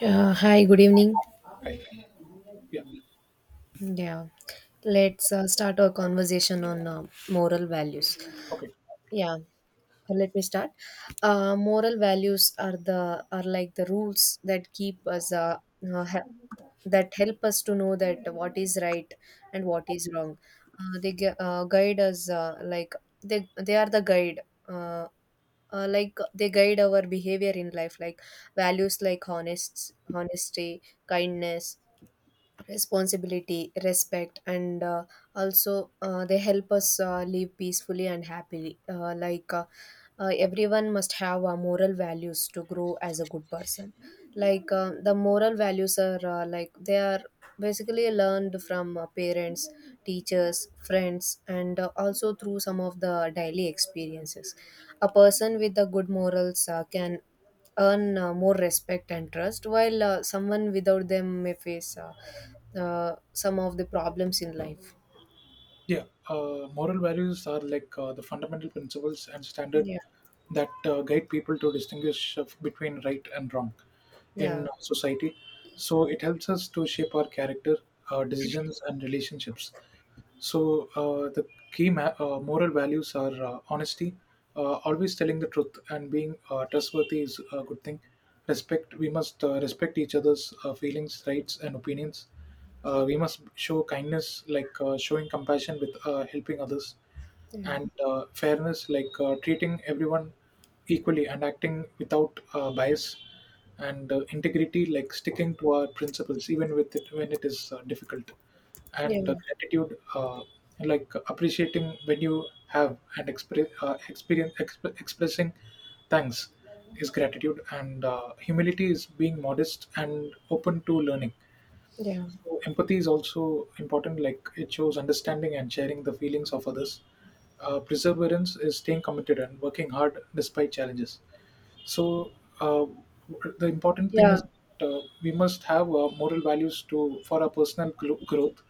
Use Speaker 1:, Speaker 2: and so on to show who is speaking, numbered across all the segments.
Speaker 1: Hi, good evening.
Speaker 2: Right. Yeah.
Speaker 1: Yeah, let's start our conversation on moral values.
Speaker 2: Okay.
Speaker 1: Yeah, let me start. Moral values are like the rules that keep us uh, he- that help us to know that what is right and what is wrong. Guide us like they are the guide. Uh, like they guide our behavior in life, like values like honesty, kindness, responsibility, respect, and also they help us live peacefully and happily everyone must have moral values to grow as a good person. The moral values are like they are basically learned from parents, teachers, friends, and also through some of the daily experiences. A person with the good morals can earn more respect and trust, while someone without them may face some of the problems in life.
Speaker 2: Yeah. Moral values are like the fundamental principles and standard
Speaker 1: Yeah,
Speaker 2: that guide people to distinguish between right and wrong
Speaker 1: yeah,
Speaker 2: in society. So it helps us to shape our character, decisions, and relationships. So the key moral values are honesty, always telling the truth, and being trustworthy is a good thing. Respect. We must respect each other's feelings, rights, and opinions. We must show kindness, like showing compassion with helping others
Speaker 1: yeah,
Speaker 2: and fairness, like treating everyone equally and acting without bias, and integrity, like sticking to our principles even with it, when it is difficult, and gratitude, like appreciating when you have and expressing thanks is gratitude, and humility is being modest and open to learning.
Speaker 1: yeah,
Speaker 2: So empathy is also important. Like it shows understanding and sharing the feelings of others. Perseverance is staying committed and working hard despite challenges. So uh, the important thing
Speaker 1: yeah, yeah,
Speaker 2: is we must have moral values to for our personal growth.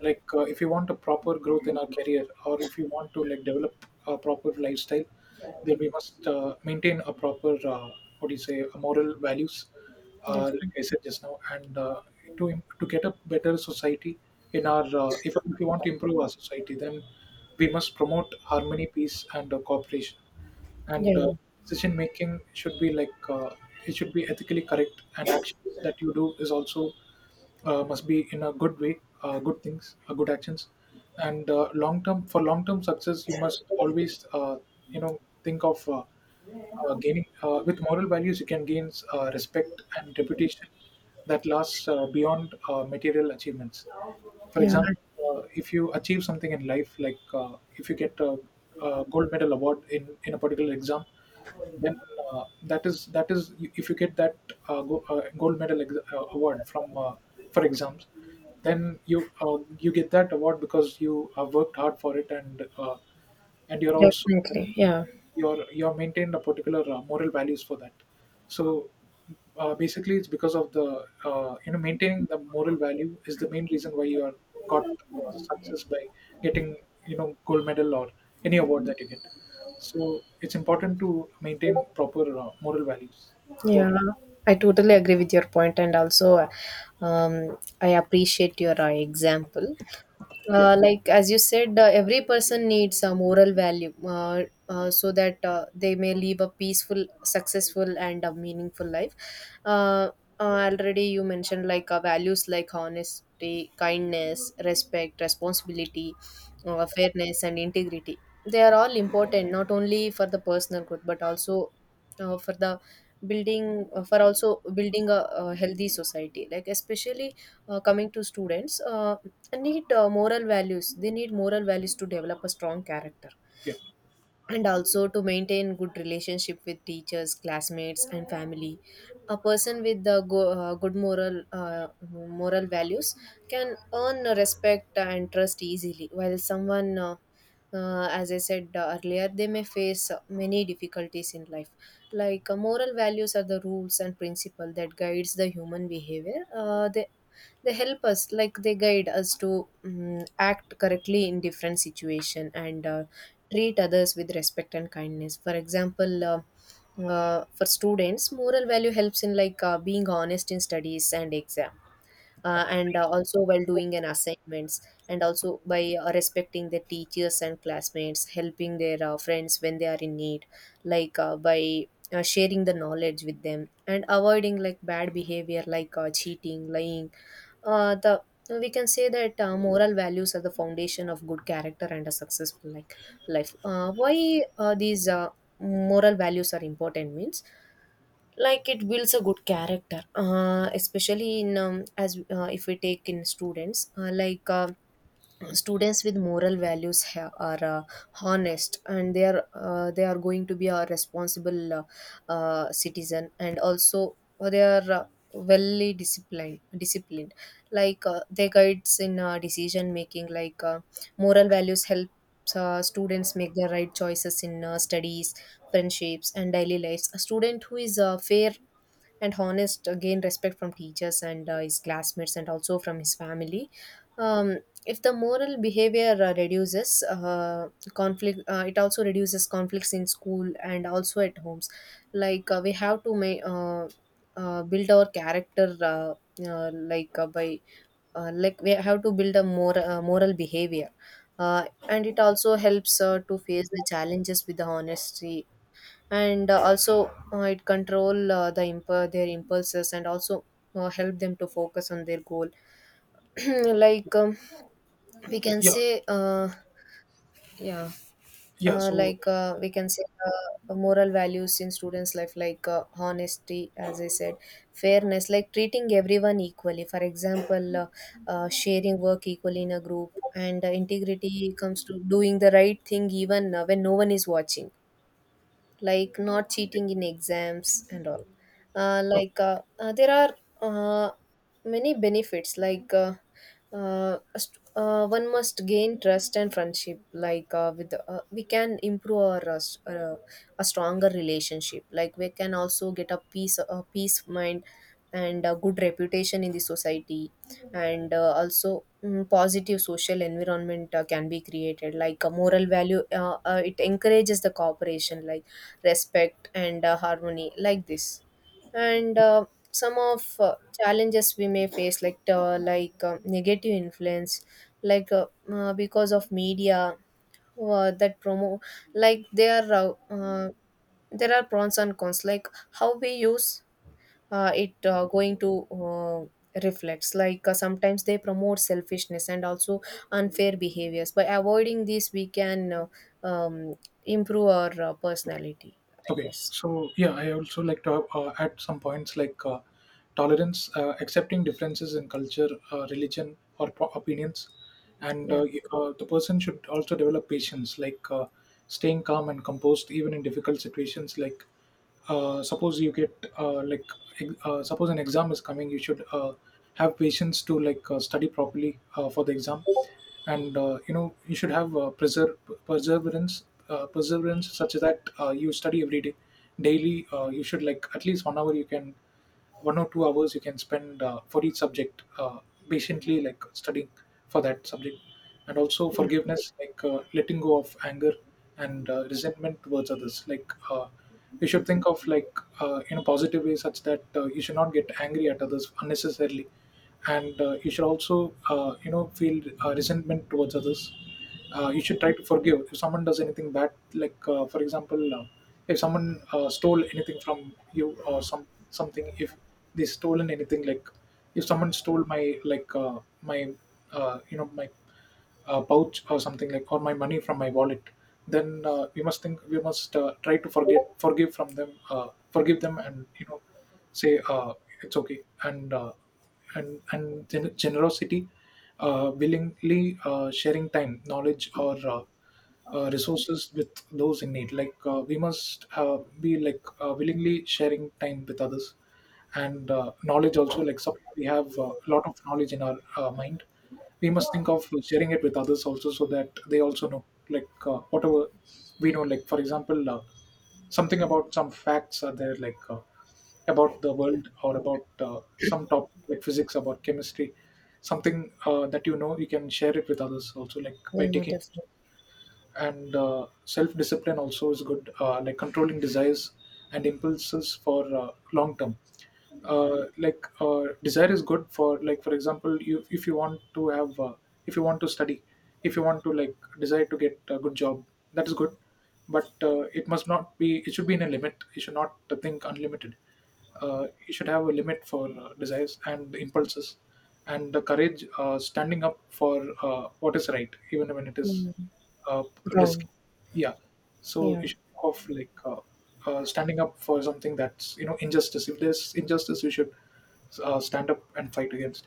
Speaker 2: Like if you want a proper growth in our career, or if you want to like develop a proper lifestyle, then we must maintain a proper what do you say a moral values, like
Speaker 1: definitely.
Speaker 2: I said just now, and to get a better society in our if we want to improve our society, then we must promote harmony, peace, and cooperation
Speaker 1: Yeah,
Speaker 2: and decision making should be like it should be ethically correct, and actions that you do is also must be in a good way, good things, good actions. And long term for long term success you must always you know think of gaining with moral values, you can gain respect and reputation that lasts beyond material achievements. For
Speaker 1: yeah,
Speaker 2: example, if you achieve something in life, like if you get a gold medal award in a particular exam, then that is if you get that gold medal award from for exams, then you you get that award because you have worked hard for it, and you're also
Speaker 1: definitely. Yeah,
Speaker 2: you're maintained a particular moral values for that. So basically it's because of the you know maintaining the moral value is the main reason why you are got success by getting you know gold medal or any award that you get. So it's important to maintain proper moral values
Speaker 1: yeah,
Speaker 2: throughout.
Speaker 1: I totally agree with your point, and also um, I appreciate your example.
Speaker 2: Yeah,
Speaker 1: Like as you said, every person needs a moral value, so that they may live a peaceful, successful, and a meaningful life. uh, Already you mentioned like values like honesty, kindness, respect, responsibility, fairness, and integrity. They are all important not only for the personal growth, but also for the building, for also building a healthy society. Like especially coming to students, need moral values they need moral values to develop a strong character,
Speaker 2: yeah,
Speaker 1: and also to maintain good relationship with teachers, classmates, and family. A person with the good moral values can earn respect and trust easily, while someone as I said earlier, they may face many difficulties in life. Like moral values are the rules and principle that guides the human behavior. They help us, like they guide us to act correctly in different situation, and treat others with respect and kindness. For example, for students moral value helps in like being honest in studies and exam, and also while doing an assignments, and also by respecting the teachers and classmates, helping their friends when they are in need. Like by sharing the knowledge with them, and avoiding like bad behavior like cheating, lying. The We can say that moral values are the foundation of good character and a successful like life. Why these Moral values are important means like it builds a good character. Especially in as If we take in students, students with moral values are honest, and they are going to be a responsible citizen, and also they are well disciplined. Like they guides in decision making. Like moral values help students make the right choices in studies, friendships, and daily lives. A student who is fair and honest gain respect from teachers, and his classmates, and also from his family. um, if the moral behavior reduces conflict it also reduces conflicts in school and also at homes. Like we have to ma- build our character, uh, like uh, by like we have to build a more moral behavior, and it also helps to face the challenges with the honesty, and also it control their impulses, and also help them to focus on their goal. like um, we can
Speaker 2: yeah,
Speaker 1: say yeah.
Speaker 2: yeah. So
Speaker 1: We can say moral values in students life like honesty, as I said, fairness like treating everyone equally. For example, sharing work equally in a group, and integrity comes to doing the right thing even when no one is watching, like not
Speaker 2: yeah.
Speaker 1: cheating in exams and all.
Speaker 2: Okay.
Speaker 1: There are uh, many benefits like one must gain trust and friendship. Like with we can improve our a stronger relationship, like we can also get a peace of mind and a good reputation in the society. And also positive social environment can be created. Like a moral value, it encourages the cooperation, like respect and harmony, like this. And some of challenges we may face, like negative influence, like because of media that promote, like there are pros and cons, like how we use it going to reflects. Like sometimes they promote selfishness and also unfair behaviors. By avoiding these, we can um, improve our personality, I
Speaker 2: Okay,
Speaker 1: guess.
Speaker 2: so yeah, I also like to at some points like tolerance, accepting differences in culture, religion, or opinions, and
Speaker 1: Yeah,
Speaker 2: the person should also develop patience, like staying calm and composed even in difficult situations. Like suppose you get like suppose an exam is coming, you should have patience to like study properly for the exam. And you know you should have perseverance such that you study every day daily. You should like at least 1 hour you can 1 or 2 hours you can spend for each subject, patiently like studying for that subject. And also
Speaker 1: yeah,
Speaker 2: forgiveness, like letting go of anger and resentment towards others. Like you should think of like in a positive way such that you should not get angry at others unnecessarily, and you should also you know feel resentment towards others. You should try to forgive if someone does anything bad. Like for example, if someone stole anything from you or something, if they stolen anything like, if someone stole my, like my you know my pouch or something like, or my money from my wallet, then we must think, we must try to forget forgive from them, forgive them and you know say it's okay. And and generosity, willingly sharing time, knowledge, or resources with those in need. Like we must be like willingly sharing time with others, and knowledge also. Like suppose we have a lot of knowledge in our mind, we must think of sharing it with others also, so that they also know. Like whatever we know, like for example, something about some facts are there, like. About the
Speaker 1: yeah,
Speaker 2: world or about some topic like physics, about chemistry, something that you know you can share it with others also like by
Speaker 1: yeah,
Speaker 2: taking.
Speaker 1: definitely.
Speaker 2: And self discipline also is good, like controlling desires and impulses for long term. Like desire is good for, like for example, you, if you want to have if you want to study, if you want to like desire to get a good job, that is good. But it must not be, it should be in a limit, you should not think unlimited. You should have a limit for desires and impulses. And the courage, standing up for what is right even when it is
Speaker 1: Yeah,
Speaker 2: uh, risk.
Speaker 1: wrong.
Speaker 2: Yeah. So
Speaker 1: Yeah,
Speaker 2: you should think of like standing up for something that's you know injustice. If there's injustice, you should stand up and fight against.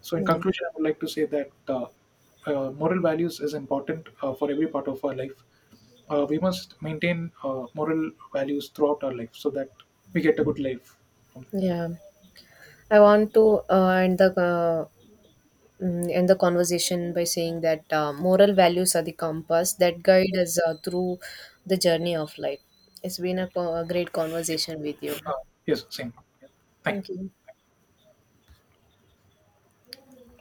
Speaker 2: So in
Speaker 1: yeah,
Speaker 2: conclusion, I would like to say that moral values is important for every part of our life. We must maintain moral values throughout our life so that we get a good life from that.
Speaker 1: yeah. I want to end the conversation by saying that moral values are the compass that guide us through the journey of life. It's been a, a great
Speaker 2: Yeah.
Speaker 1: conversation with you.
Speaker 2: Uh, yes. Same. Yeah. Thank you.
Speaker 1: Thank you.